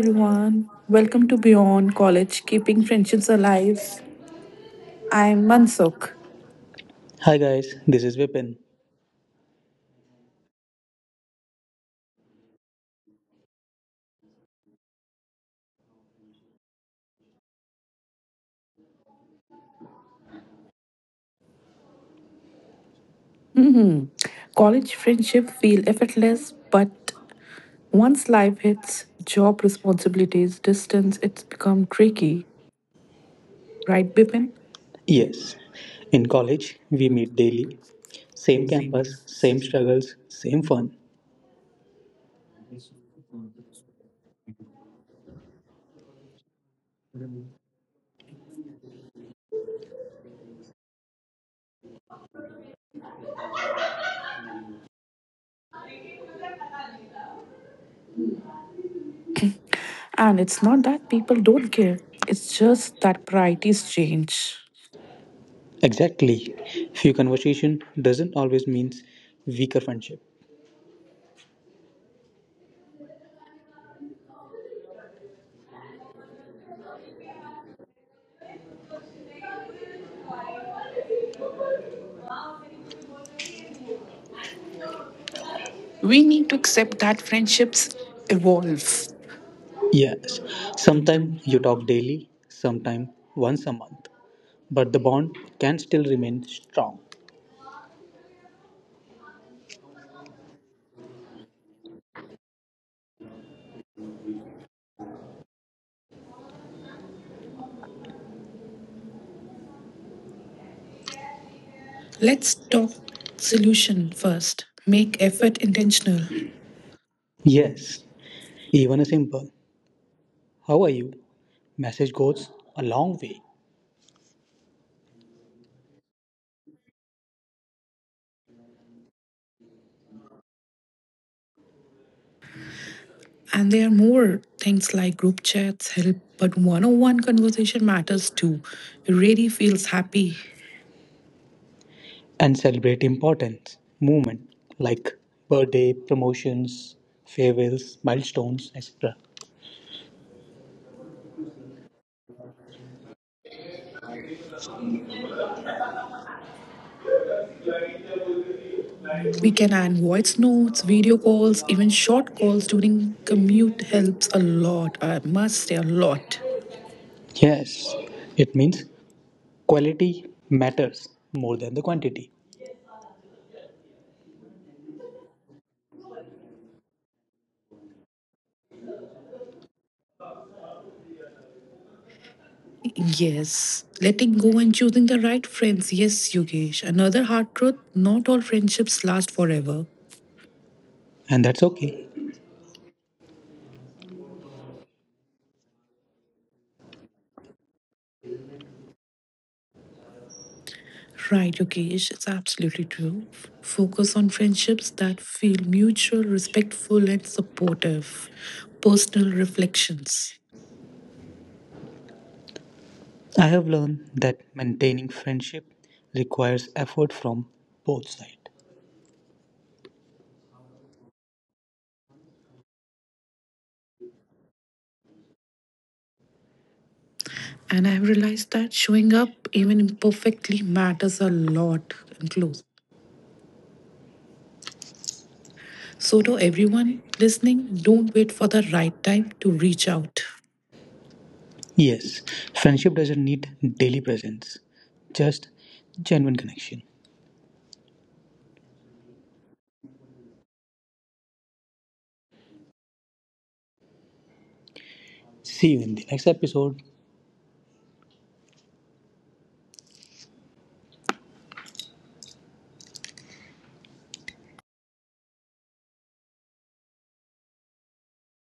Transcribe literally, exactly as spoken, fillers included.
everyone. Welcome to Beyond College, Keeping Friendships Alive. I'm Mansukh. Hi guys, this is Vipin. hmm College friendship feel effortless, but once life hits job responsibilities, distance, it's become tricky, right, Bipin? Yes, in college we meet daily. Same campus, same struggles, same fun. And it's not that people don't care. It's just that priorities change. Exactly. Few conversation doesn't always means weaker friendship. We need to accept that friendships evolve. Yes. Sometime you talk daily, sometime once a month. But the bond can still remain strong. Let's Let's talk test solution solution for first. Make effort intentional. yes, even a simple "How are you?" message goes a long way. And there are more things like group chats help, but one on one conversation matters too. It really feels happy. And celebrate important movement like birthday, promotions, farewells, milestones, et cetera. We can add voice notes, video calls, even short calls during commute helps a lot. I must say, a lot. Yes, it means quality matters more than the quantity. Yes, letting go and choosing the right friends. Yes, Yogesh. Another hard truth not all friendships last forever. And that's okay. Right, Yogesh, it's absolutely true. F- Focus on friendships that feel mutual, respectful, and supportive. Personal reflections. I have learned that maintaining friendship requires effort from both sides. And I've realized that showing up, even imperfectly, matters a lot and close. So, to everyone listening, don't wait for the right time to reach out. Yes, friendship doesn't need daily presence, just genuine connection. See you in the next episode.